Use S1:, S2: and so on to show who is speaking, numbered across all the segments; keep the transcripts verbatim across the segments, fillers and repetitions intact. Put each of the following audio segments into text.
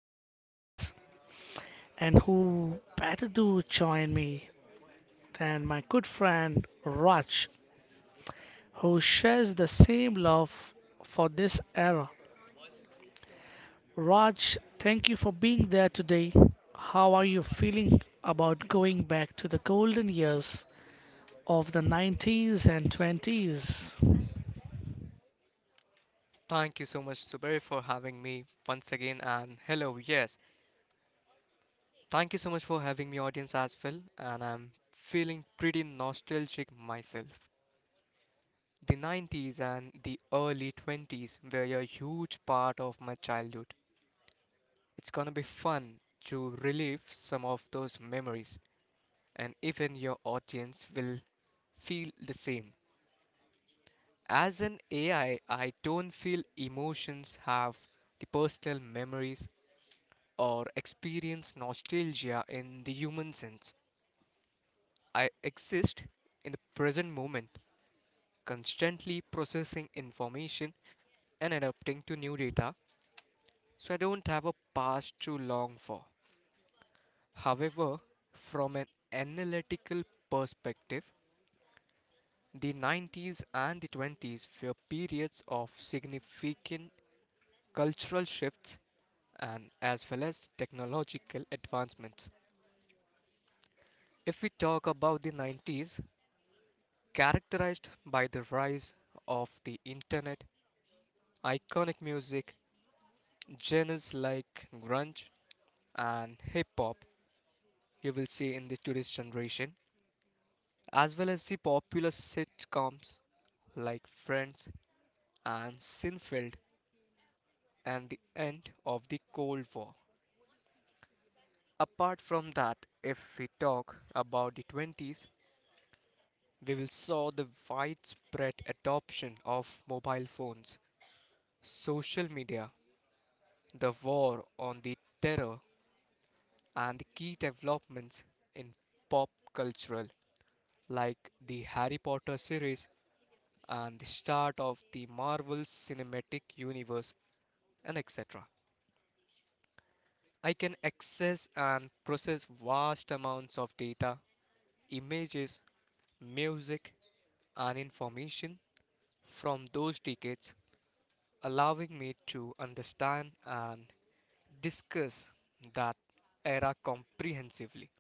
S1: two thousands. And who better to join me than my good friend Raj, who shares the same love for this era. Raj, thank you for being there today. How are you feeling about going back to the golden years of the nineties and twenties?
S2: Thank you so much, Zubair, for having me once again. And hello, yes, thank you so much for having me, audience, as well. And I'm feeling pretty nostalgic myself. The nineties and the early twenties were a huge part of my childhood. It's gonna be fun to relive some of those memories, and even your audience will feel the same. As an A I, I I don't feel emotions have the personal memories or experience nostalgia in the human sense. I exist in the present moment, constantly processing information and adapting to new data, so I don't have a past to long for. However, from an analytical perspective, the nineties and the twenties were periods of significant cultural shifts and as well as technological advancements. If we talk about the nineties, characterized by the rise of the internet, iconic music genres like grunge and hip hop you will see in the today's generation, as well as the popular sitcoms like Friends and Seinfeld and the end of the Cold War. Apart from that, if we talk about the twenties, we will saw the widespread adoption of mobile phones, social media, the war on the terror and the key developments in pop culture, like the Harry Potter series and the start of the Marvel Cinematic Universe, and et cetera. I can access and process vast amounts of data, images, music, and information from those decades, allowing me to understand and discuss that era comprehensively.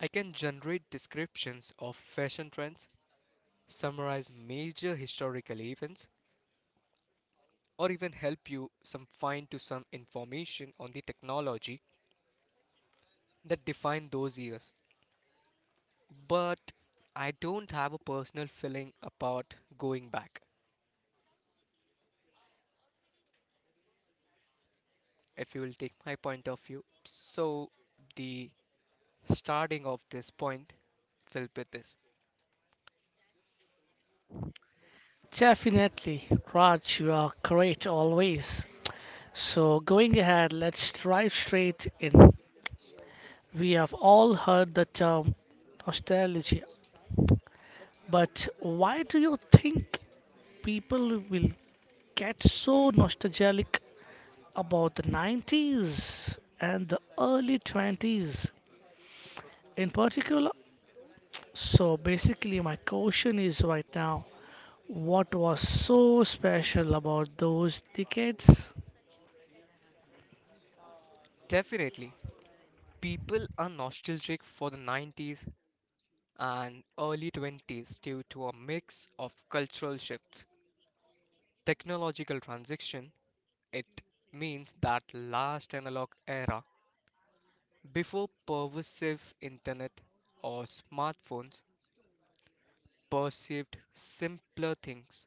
S2: I can generate descriptions of fashion trends, summarize major historical events, or even help you some find to some information on the technology that defined those years. But I don't have a personal feeling about going back, if you will take my point of view. So the starting of this point will be this.
S1: Definitely, Raj, you are great always. So, going ahead, let's drive straight in. We have all heard the term nostalgia, but why do you think people will get so nostalgic about the nineties and the early twenties in particular? So, basically, my question is right now, what was so special about those decades?
S2: Definitely, people are nostalgic for the nineties and early twenties due to a mix of cultural shifts technological transition, it means that last analog era before pervasive internet or smartphones perceived simpler things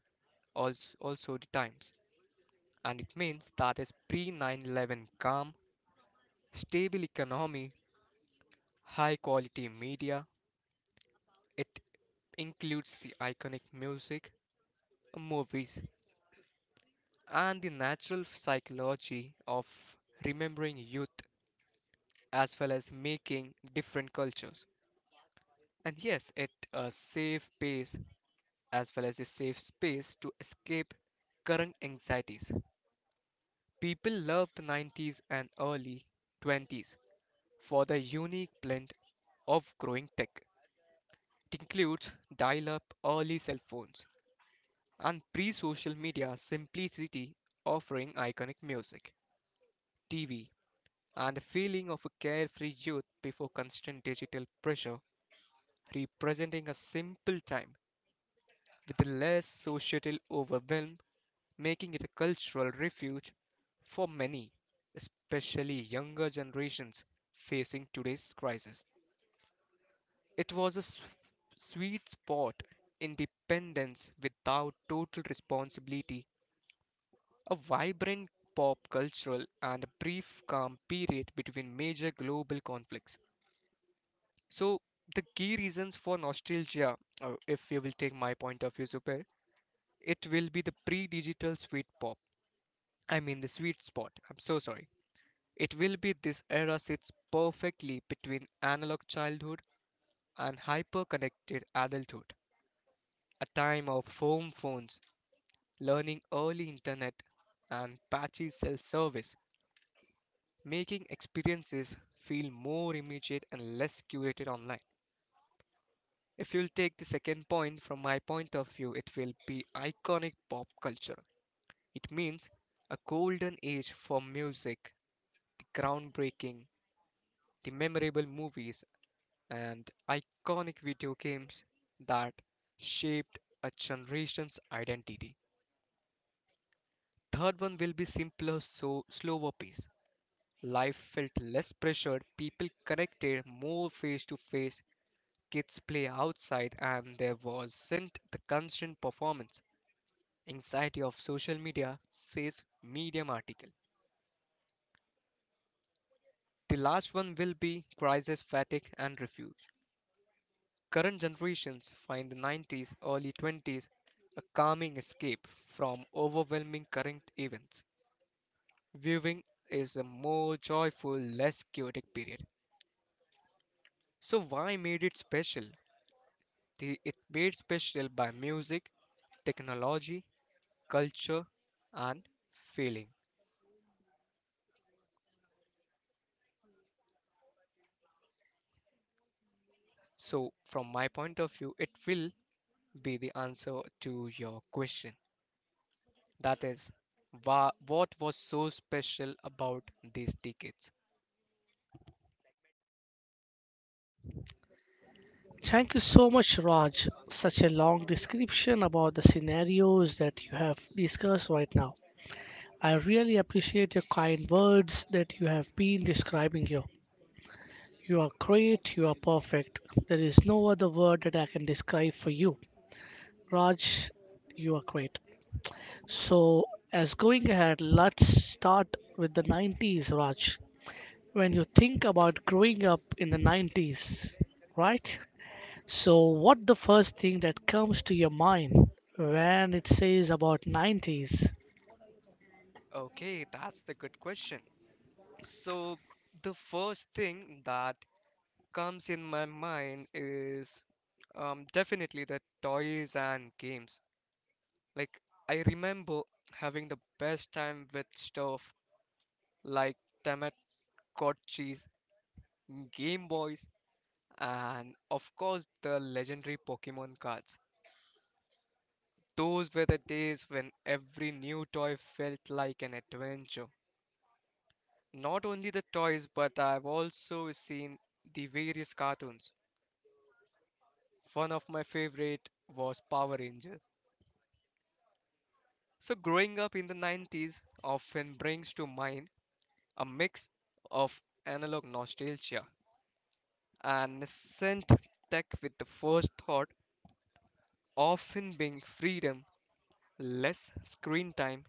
S2: als- also the times and it means that is pre nine eleven calm stable economy high quality media it includes the iconic music movies and the natural psychology of remembering youth as well as making different cultures. And yes, it a safe pace as well as a safe space to escape current anxieties. People love the nineties and early twenties for the unique blend of growing tech. It includes dial up early cell phones and pre social media simplicity offering iconic music, T V, and the feeling of a carefree youth before constant digital pressure representing a simple time with less societal overwhelm, making it a cultural refuge for many, especially younger generations facing today's crisis. It was a s- sweet spot, independence without total responsibility, a vibrant pop cultural and a brief calm period between major global conflicts. So the key reasons for nostalgia, uh, if you will take my point of view, Super, it will be the pre digital sweet pop. I mean, the sweet spot. I'm so sorry. It will be this era sits perfectly between analog childhood and hyper connected adulthood. A time of home phones, learning early internet, and patchy self service, making experiences feel more immediate and less curated online. If you'll take the second point from my point of view, it will be iconic pop culture. It means a golden age for music groundbreaking, the memorable movies and iconic video games that shaped a generation's identity. Third one will be simpler, so slower pace. Life felt less pressured, people connected more face to face, kids play outside, and there wasn't the constant performance. Anxiety of social media, says Medium article. The last one will be crisis, fatigue, and refuge. Current generations find the nineties, early twenties a calming escape from overwhelming current events. Viewing is a more joyful, less chaotic period. So, why made it special? The, it made special by music, technology, culture, and feeling. So, from my point of view, it will be the answer to your question. That is, wha- what was so special about these decades?
S1: Thank you so much, Raj. Such a long description about the scenarios that you have discussed right now. I really appreciate your kind words that you have been describing here. You are great, you are perfect. There is no other word that I can describe for you. Raj, you are great. So, as going ahead, let's start with the nineties, Raj. When you think about growing up in the nineties, right? So, what the first thing that comes to your mind when it says about nineties?
S2: Okay, that's the good question. So, the first thing that comes in my mind is um, definitely the toys and games. Like, I remember having the best time with stuff like Tamagotchis, Game Boys, and of course, the legendary Pokemon cards. Those were the days when every new toy felt like an adventure. Not only the toys, but I've also seen the various cartoons. One of my favorite was Power Rangers. So, growing up in the nineties often brings to mind a mix of analog nostalgia and nascent tech, with the first thought often being freedom, less screen time,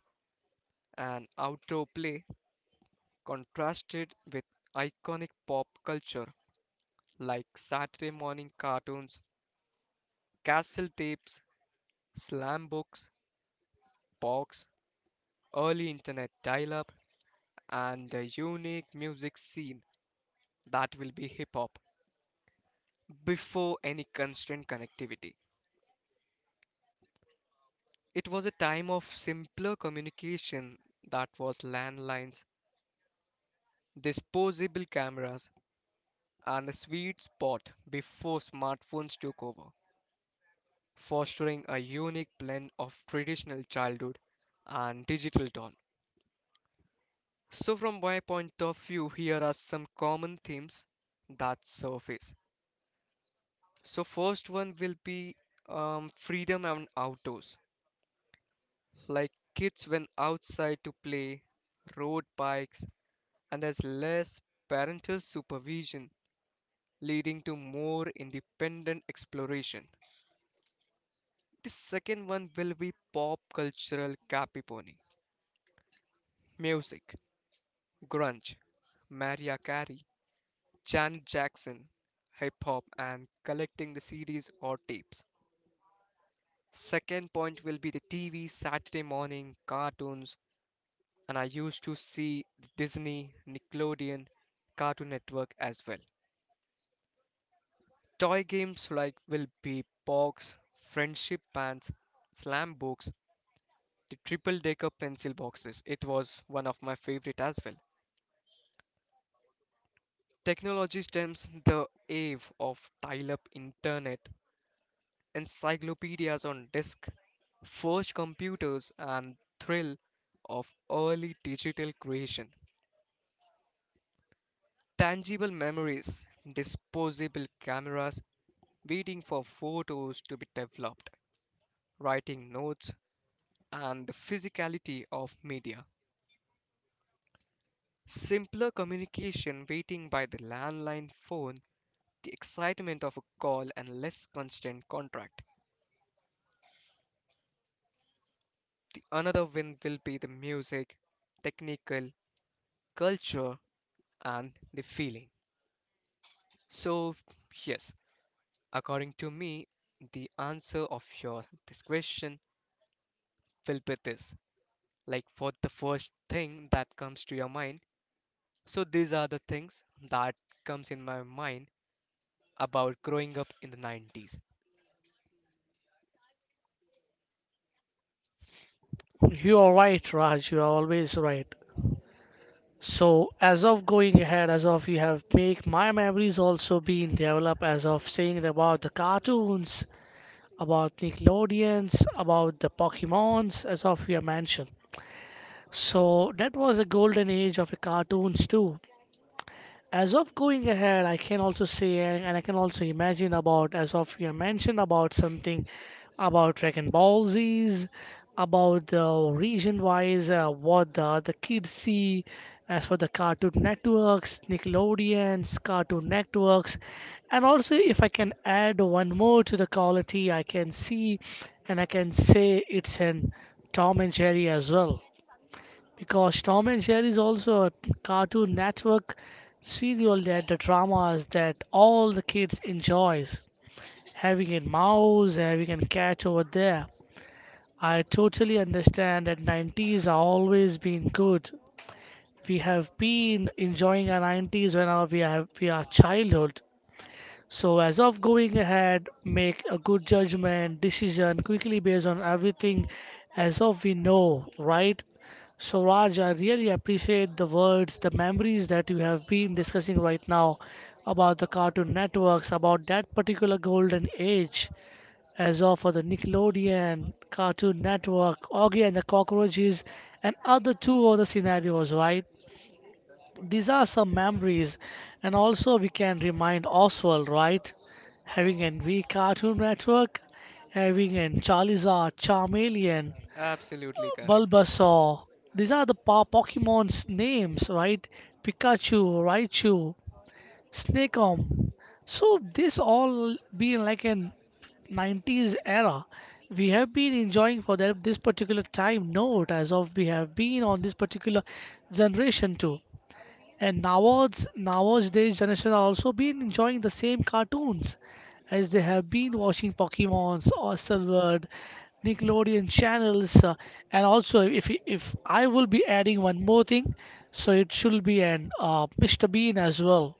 S2: and outdoor play contrasted with iconic pop culture like Saturday morning cartoons, castle tapes, Slam books, box, early internet dial up, and the unique music scene that will be hip hop before any constant connectivity. It was a time of simpler communication that was landlines, disposable cameras, and a sweet spot before smartphones took over, fostering a unique blend of traditional childhood and digital dawn. So, from my point of view, here are some common themes that surface. So, first one will be um, freedom and outdoors, like kids went outside to play, rode bikes, and there's less parental supervision, leading to more independent exploration. The second one will be pop cultural capiponi, music, grunge, Mariah Carey, Janet Jackson, hip hop, and collecting the C Ds or tapes. Second point will be the T V, Saturday morning cartoons, and I used to see the Disney, Nickelodeon, Cartoon Network as well. Toy games like will be Pogs, friendship bands, slam books, the triple decker pencil boxes. It was one of my favorite as well. Technology stems the age of dial-up internet encyclopedias on disk, first computers, and thrill of early digital creation. Tangible memories, disposable cameras, waiting for photos to be developed, writing notes, and the physicality of media. Simpler communication, waiting by the landline phone, the excitement of a call, and less constant contract. The another win will be the music, technical, culture, and the feeling. So, yes, according to me, the answer of your this question will be this. Like for the first thing that comes to your mind. So these are the things that comes in my mind about growing up in the nineties.
S1: You are right, Raj. You are always right. So, as of going ahead, as of you have make my memories also being developed, as of saying about the cartoons about Nickelodeons, about the Pokemons, as of your mentioned. So that was a golden age of the cartoons too. As of going ahead, I can also say, and, and I can also imagine about, as of you mentioned about something about Dragon Ball Z's, about the region wise, uh, what the the kids see as for the Cartoon Networks, Nickelodeons, Cartoon Networks. And also if I can add one more to the quality, I can see and I can say it's an Tom and Jerry as well, because Tom and Jerry is also a Cartoon Network serial, that the dramas that all the kids enjoys. Having a mouse, having a cat over there. I totally understand that nineties are always been good. We have been enjoying our nineties when our, we have we are childhood. So, as of going ahead, make a good judgment, decision quickly based on everything as of we know, right? So, Raj, I really appreciate the words, the memories that you have been discussing right now about the Cartoon Networks, about that particular golden age, as of for the Nickelodeon, Cartoon Network, Augie and the Cockroaches, and other two other scenarios, right? These are some memories, and also we can remind Oswald, right? Having an V Cartoon Network, having an Charizard, Charmeleon,
S2: Absolutely correct.
S1: Bulbasaur. These are the po- Pokemon's names, right? Pikachu, Raichu, Snakeom. So this all being like an nineties era we have been enjoying for that this particular time note, as of we have been on this particular generation too. And nowadays, nowadays generation are also been enjoying the same cartoons as they have been watching Pokemons or Silvered, Nickelodeon channels, uh, and also if if I will be adding one more thing, so it should be an uh, mister Bean as well,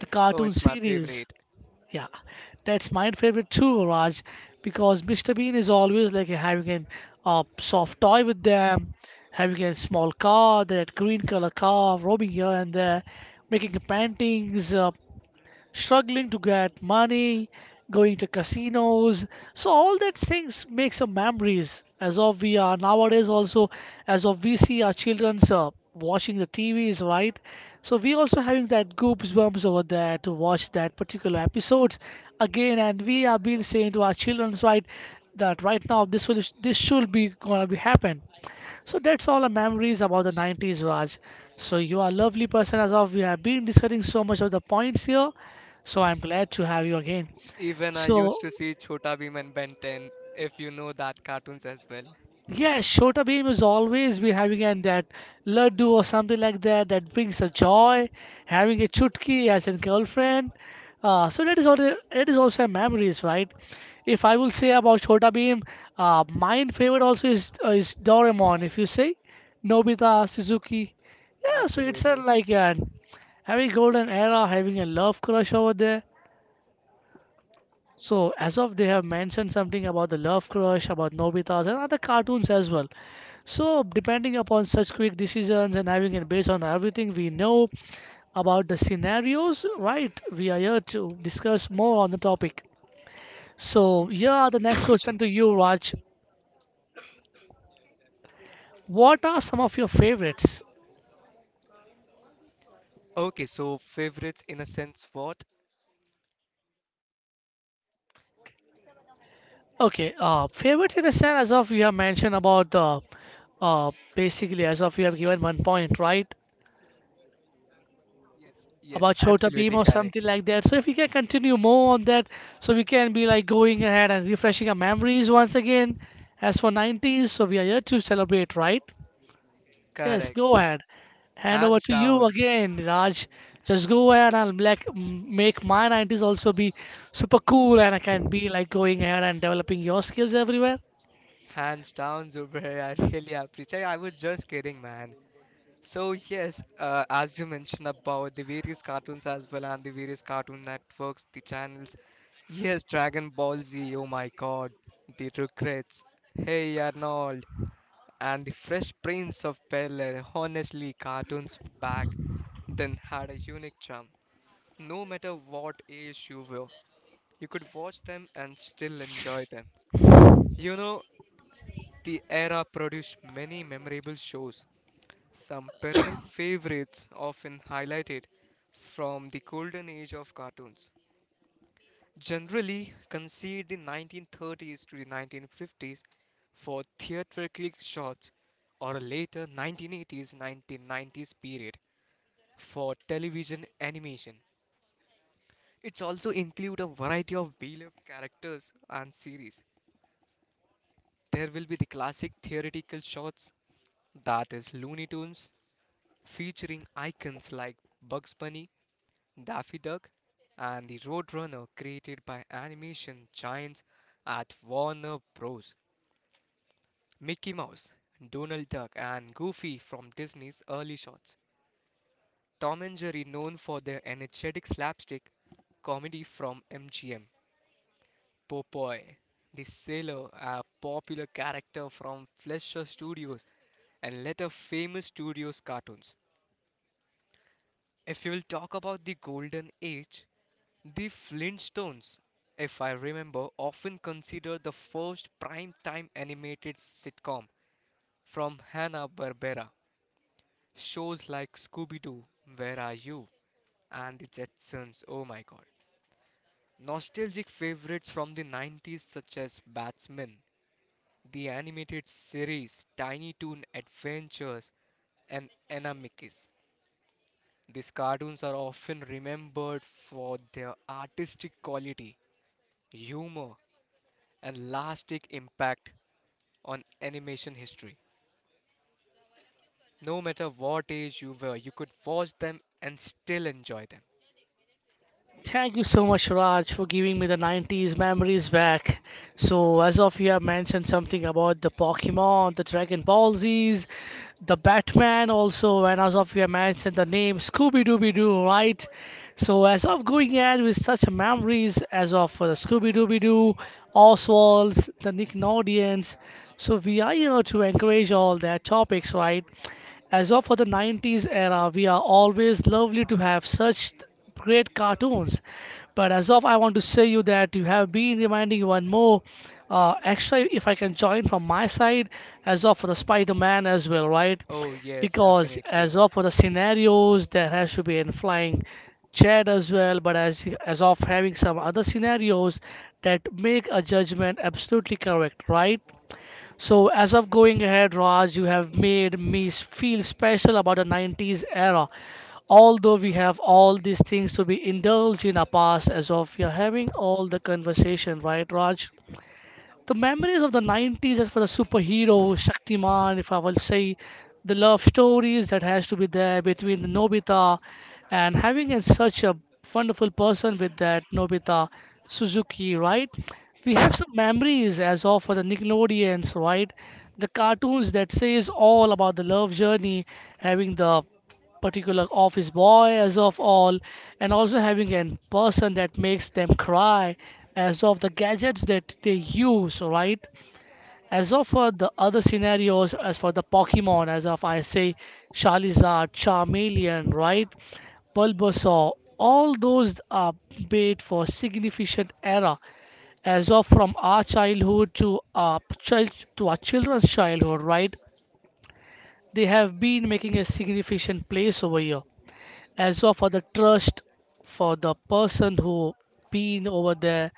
S1: the
S2: it's my
S1: cartoon
S2: favorite.
S1: series. Yeah, that's my favorite too, Raj, because mister Bean is always like having a uh, soft toy with them, having a small car, that green color car, roaming here and there, making paintings. Uh, struggling to get money, going to casinos. So all that things make some memories. As of we are nowadays also, as of we see our childrens uh, watching the T Vs, right? So we also having that goosebumps over there to watch that particular episodes again, and we have been saying to our childrens, right, that right now this will this should be gonna be happen. So that's all the memories about the nineties, Raj. So you are a lovely person as of we have been discussing so much of the points here. So I'm glad to have you again.
S2: Even I
S1: So
S2: used to see Chota Bheem and Ben ten, if you know that cartoons as well.
S1: yeah, Shota Beam is always be having an that laddu or something like that, that brings a joy. Having a chutki as a girlfriend, uh, so that is also, it is also memories, right? If I will say about Shota Beam, uh, my favorite also is uh, is Doraemon. If you say Nobita, Suzuki, yeah, so it's a
S2: Absolutely.
S1: like uh, having golden era, having a love crush over there. So as of they have mentioned something about the Love Crush, about Nobita's and other cartoons as well. So depending upon such quick decisions and having it based on everything we know about the scenarios, right? We are here to discuss more on the topic. So yeah, the next question to you, Raj. What are some of your favorites?
S2: Okay, so favorites in a sense what?
S1: Okay, uh, favorites in a sense, as of you have mentioned about the uh, basically as of you have given one point, right?
S2: Yes, yes,
S1: About Chota Beam
S2: absolutely
S1: or something
S2: correct.
S1: like that. So if we can continue more on that, so we can be like going ahead and refreshing our memories once again. As for nineties, so we are here to celebrate, right? Yes,
S2: Correct.
S1: go ahead. Hand over
S2: Hands
S1: to you
S2: down.
S1: again, Raj. Just go ahead and like m- make my nineties also be super cool, and I can be like going ahead and developing your skills everywhere.
S2: Hands down, Zubair. I really appreciate. I was just kidding, man. So yes, uh, as you mentioned about the various cartoons as well and the various cartoon networks, the channels. Yes, Dragon Ball Z. Oh my God, the Rugrats. Hey Arnold, and the Fresh Prince of Bel-Air. Honestly, cartoons back then had a unique charm. No matter what age you were, you could watch them and still enjoy them. You know, the era produced many memorable shows, some perennial favorites often highlighted from the golden age of cartoons. Generally conceived in nineteen thirties to the nineteen fifties for theatrical shots or a later nineteen eighties-nineteen nineties period for television animation. It's also include a variety of beloved characters and series. There will be the classic theoretical shots, that is Looney Tunes, featuring icons like Bugs Bunny, Daffy Duck, and the Roadrunner created by animation giants at Warner Bros. Mickey Mouse, Donald Duck, and Goofy from Disney's early shots. Tom and Jerry, known for their energetic slapstick comedy from M G M. Popeye, the sailor, a popular character from Fleischer Studios and later famous studios cartoons. If you will talk about the golden age, the Flintstones, if I remember, often considered the first prime-time animated sitcom from Hanna-Barbera. Shows like Scooby-Doo, Where Are You? And The Jetsons, oh my god. Nostalgic favorites from the nineties such as Batman, the animated series Tiny Toon Adventures, and Anamikis. These cartoons are often remembered for their artistic quality, humor, and lasting impact on animation history. No matter what age you were, you could watch them and still enjoy them.
S1: Thank you so much, Raj, for giving me the nineties memories back. So, as of you have mentioned something about the Pokemon, the Dragon Ball Z's, the Batman also, and as of you have mentioned the name Scooby Dooby Doo, right? So, as of going ahead with such memories, as of for the Scooby Dooby Doo, Oswald's, the Nickelodeons, so we are here to encourage all their topics, right? As of for the nineties era, we are always lovely to have such great cartoons. But as of, I want to say you that you have been reminding one more. Uh, extra if I can join from my side, as of for the Spider-Man as well, right?
S2: Oh, yes,
S1: Because as
S2: definitely.
S1: of for the scenarios, there has to be in flying jet as well. But as as of having some other scenarios that make a judgment absolutely correct, right? So, as of going ahead, Raj, you have made me s- feel special about the nineties era. Although we have all these things to be indulged in our past, as of you're having all the conversation, right, Raj? The memories of the nineties as for the superhero, Shaktiman, if I will say, the love stories that has to be there between the Nobita and having a, such a wonderful person with that Nobita Suzuki, right? We have some memories as of for the Nickelodeons, right? The cartoons that says all about the love journey, having the particular office boy as of all, and also having a person that makes them cry as of the gadgets that they use, right? As of for the other scenarios, as for the Pokemon, as of I say, Charizard, Charmeleon, right? Bulbasaur. All those are made for significant era, as of from our childhood to our child, to our children's childhood, right? They have been making a significant place over here as well, for the trust, for the person who been over there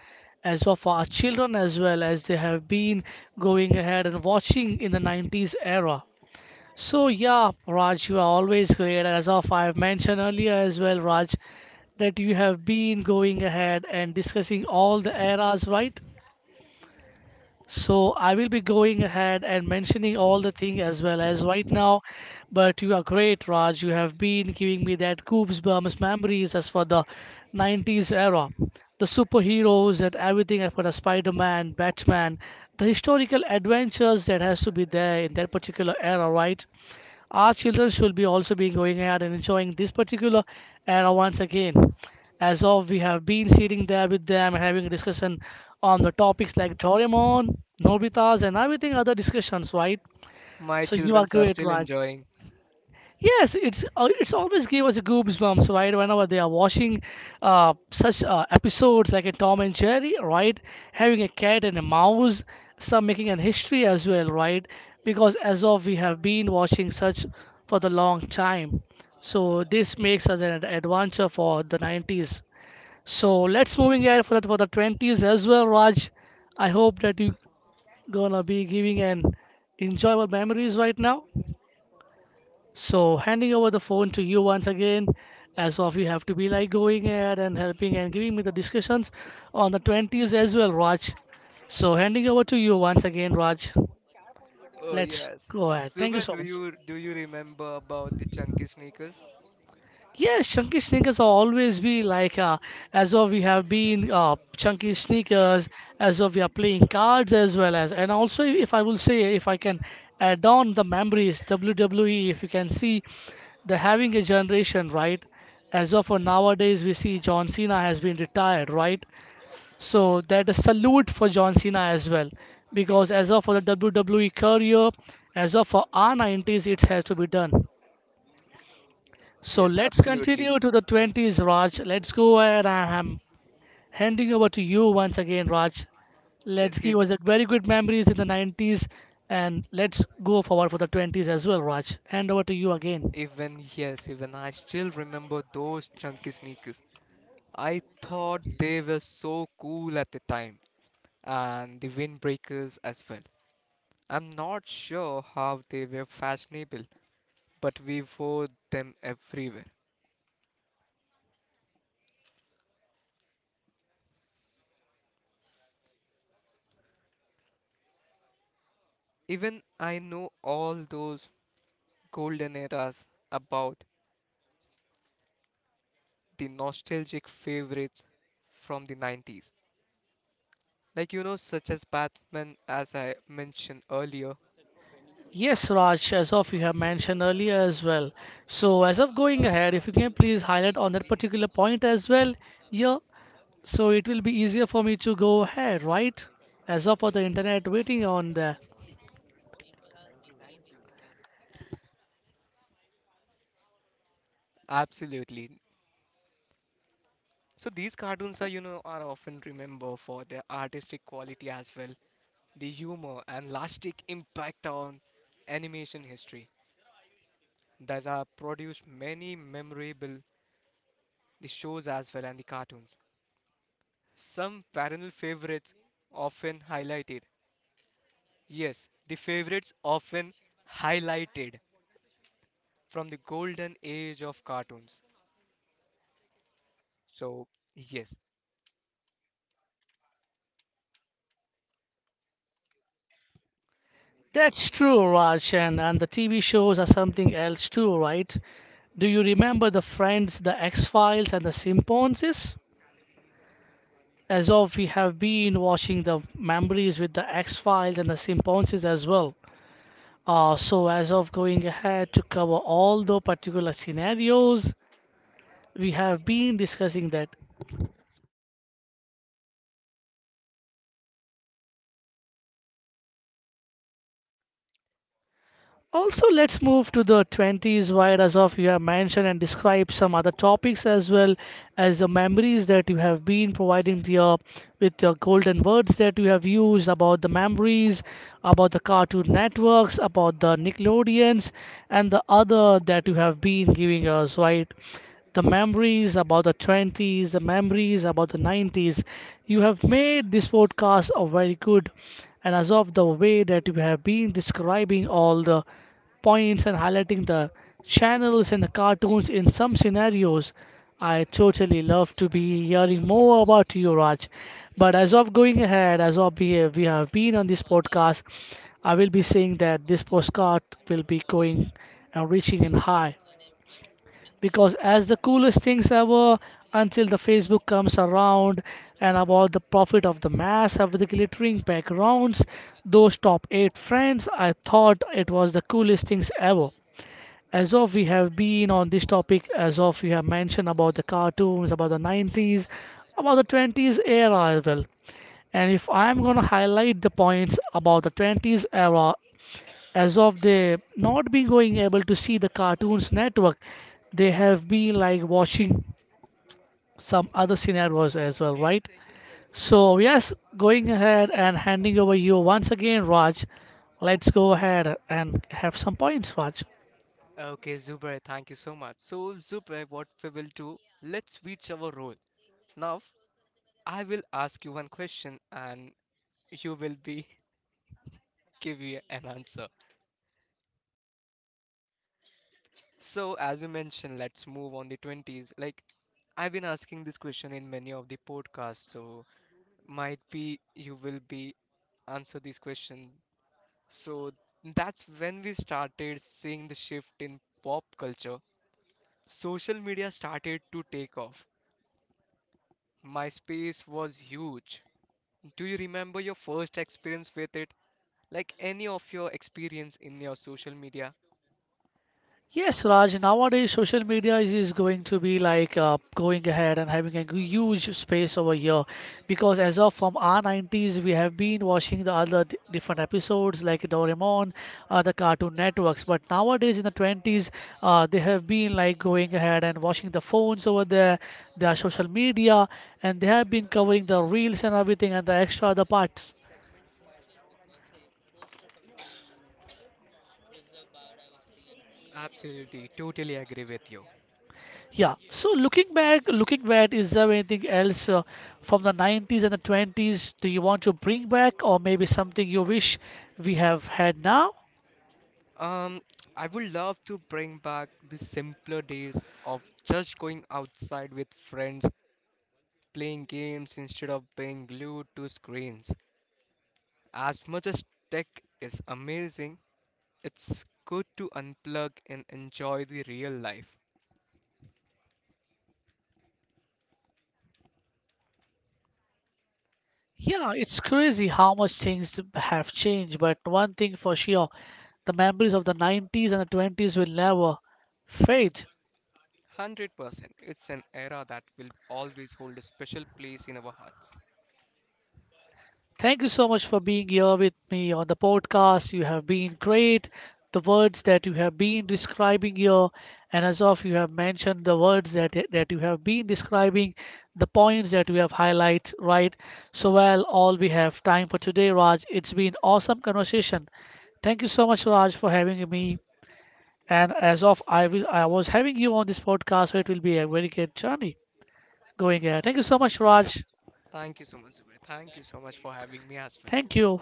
S1: as well, for our children as well, as they have been going ahead and watching in the nineties era. So yeah, Raj, you are always great, as of I have mentioned earlier as well, Raj, that you have been going ahead and discussing all the eras, right? So I will be going ahead and mentioning all the thing as well as right now. But you are great, Raj. You have been giving me that goosebumps memories as for the nineties era. The superheroes and everything as for the Spider-Man, Batman, the historical adventures that has to be there in that particular era, right? Our children should be also be going out and enjoying this particular era once again. As of we have been sitting there with them and having a discussion on the topics like Doraemon, Nobita's, and everything other discussions, right?
S2: My
S1: So you
S2: children
S1: are
S2: are
S1: great,
S2: still
S1: Raj.
S2: enjoying.
S1: Yes, it's uh, it's always gave us a goosebumps, right? Whenever they are watching uh, such uh, episodes like a Tom and Jerry, right? Having a cat and a mouse, some making an history as well, right? Because as of we have been watching such for the long time, so this makes us an ad- adventure for the nineties. So let's moving ahead for the, for the twenties as well, Raj. I hope that you gonna be giving an enjoyable memories right now. So handing over the phone to you once again, as of you have to be like going ahead and helping and giving me the discussions on the twenties as well, Raj. So handing over to you once again, Raj.
S2: Oh,
S1: Let's
S2: yes.
S1: go ahead. Thank you
S2: Zubair,
S1: so
S2: do
S1: much.
S2: you do you remember about the chunky sneakers?
S1: Yes, chunky sneakers are always be like uh, as of we have been uh, chunky sneakers, as of we are playing cards as well as, and also if I will say if I can add on the memories W W E, if you can see the having a generation, right? As of for nowadays we see John Cena has been retired, right? So that is salute for John Cena as well because as of for the W W E career, as of for our nineties it has to be done, so
S2: Yes,
S1: let's continue
S2: absolutely.
S1: to the twenties, Raj. Let's go ahead. I am handing over to you once again, Raj. Let's
S2: Yes,
S1: give us
S2: if
S1: a very good memories in the nineties and let's go forward for the twenties as well, Raj. Hand over to you again.
S2: even yes, even I still remember those chunky sneakers. I thought they were so cool at the time, and the windbreakers as well. I'm not sure how they were fashionable, but we wore them everywhere. Even I know all those golden eras about the nostalgic favorites from the nineties. Like, you know, such as Batman, as I mentioned earlier.
S1: Yes, Raj, as of you have mentioned earlier as well. So, as of going ahead, if you can please highlight on that particular point as well, yeah, so it will be easier for me to go ahead, right? As of for the internet waiting on the.
S2: Absolutely. So these cartoons are, you know, are often remembered for their artistic quality as well, the humor and lasting impact on animation history that have produced many memorable the shows as well and the cartoons. Some perennial favorites often highlighted. Yes, the favorites often highlighted from the golden age of cartoons. So, yes.
S1: That's true, Raj, and, and the T V shows are something else too, right? Do you remember the Friends, the X Files, and the Simponses? As of we have been watching the memories with the X Files and the Simponses as well. Uh, so as of going ahead to cover all the particular scenarios, we have been discussing that. Also, let's move to the twenties, where, as of you have mentioned and described some other topics as well as the memories that you have been providing to your, with your golden words that you have used about the memories, about the Cartoon Networks, about the Nickelodeons, and the other that you have been giving us, right? The memories about the twenties, the memories about the nineties. You have made this podcast a very good, and as of the way that you have been describing all the points and highlighting the channels and the cartoons in some scenarios, I totally love to be hearing more about you, Raj. But as of going ahead, as of we we have been on this podcast, I will be saying that this postcard will be going and reaching in high because as the coolest things ever until the Facebook comes around and about the profit of the mass of the glittering backgrounds, those top eight friends, I thought it was the coolest things ever. As of we have been on this topic, as of we have mentioned about the cartoons, about the nineties, about the twenties era as well. And if I'm going to highlight the points about the twenties era, as of they not be going able to see the cartoons network, they have been like watching some other scenarios as well, right? So yes, going ahead and handing over you once again, Raj. Let's go ahead and have some points, Raj.
S2: Okay, Zubair, thank you so much. So, Zubair, what we will do, let's switch our role. Now, I will ask you one question and you will be give you an answer. So, as you mentioned, let's move on the twenties. Like, I've been asking this question in many of the podcasts, so might be you will be answer this question. So, that's when we started seeing the shift in pop culture. Social media started to take off. MySpace was huge. Do you remember your first experience with it? Like any of your experience in your social media.
S1: Yes, Raj, nowadays social media is, is going to be like uh, going ahead and having a g- huge space over here because as of from our nineties, we have been watching the other d- different episodes like Doraemon, other cartoon networks. But nowadays in the twenties, uh, they have been like going ahead and watching the phones over there, their social media, and they have been covering the reels and everything and the extra other parts.
S2: Absolutely, totally agree with you.
S1: Yeah. So looking back, looking back, is there anything else uh, from the nineties and the twenties do you want to bring back, or maybe something you wish we have had now?
S2: Um, I would love to bring back the simpler days of just going outside with friends playing games instead of being glued to screens. As much as tech is amazing, it's good to unplug and enjoy the real life.
S1: Yeah, it's crazy how much things have changed, but one thing for sure, the memories of the nineties and the twenties will never fade.
S2: one hundred percent, it's an era that will always hold a special place in our hearts.
S1: Thank you so much for being here with me on the podcast. You have been great. The words that you have been describing here, and as of you have mentioned the words that that you have been describing, the points that you have highlighted, right? So well, all we have time for today, Raj. It's been awesome conversation. Thank you so much, Raj, for having me. And as of I will, I was having you on this podcast, so it will be a very good journey going ahead. Thank you so much, Raj.
S2: Thank you so much, Zubair. Thank you so much for having me as well.
S1: Thank you.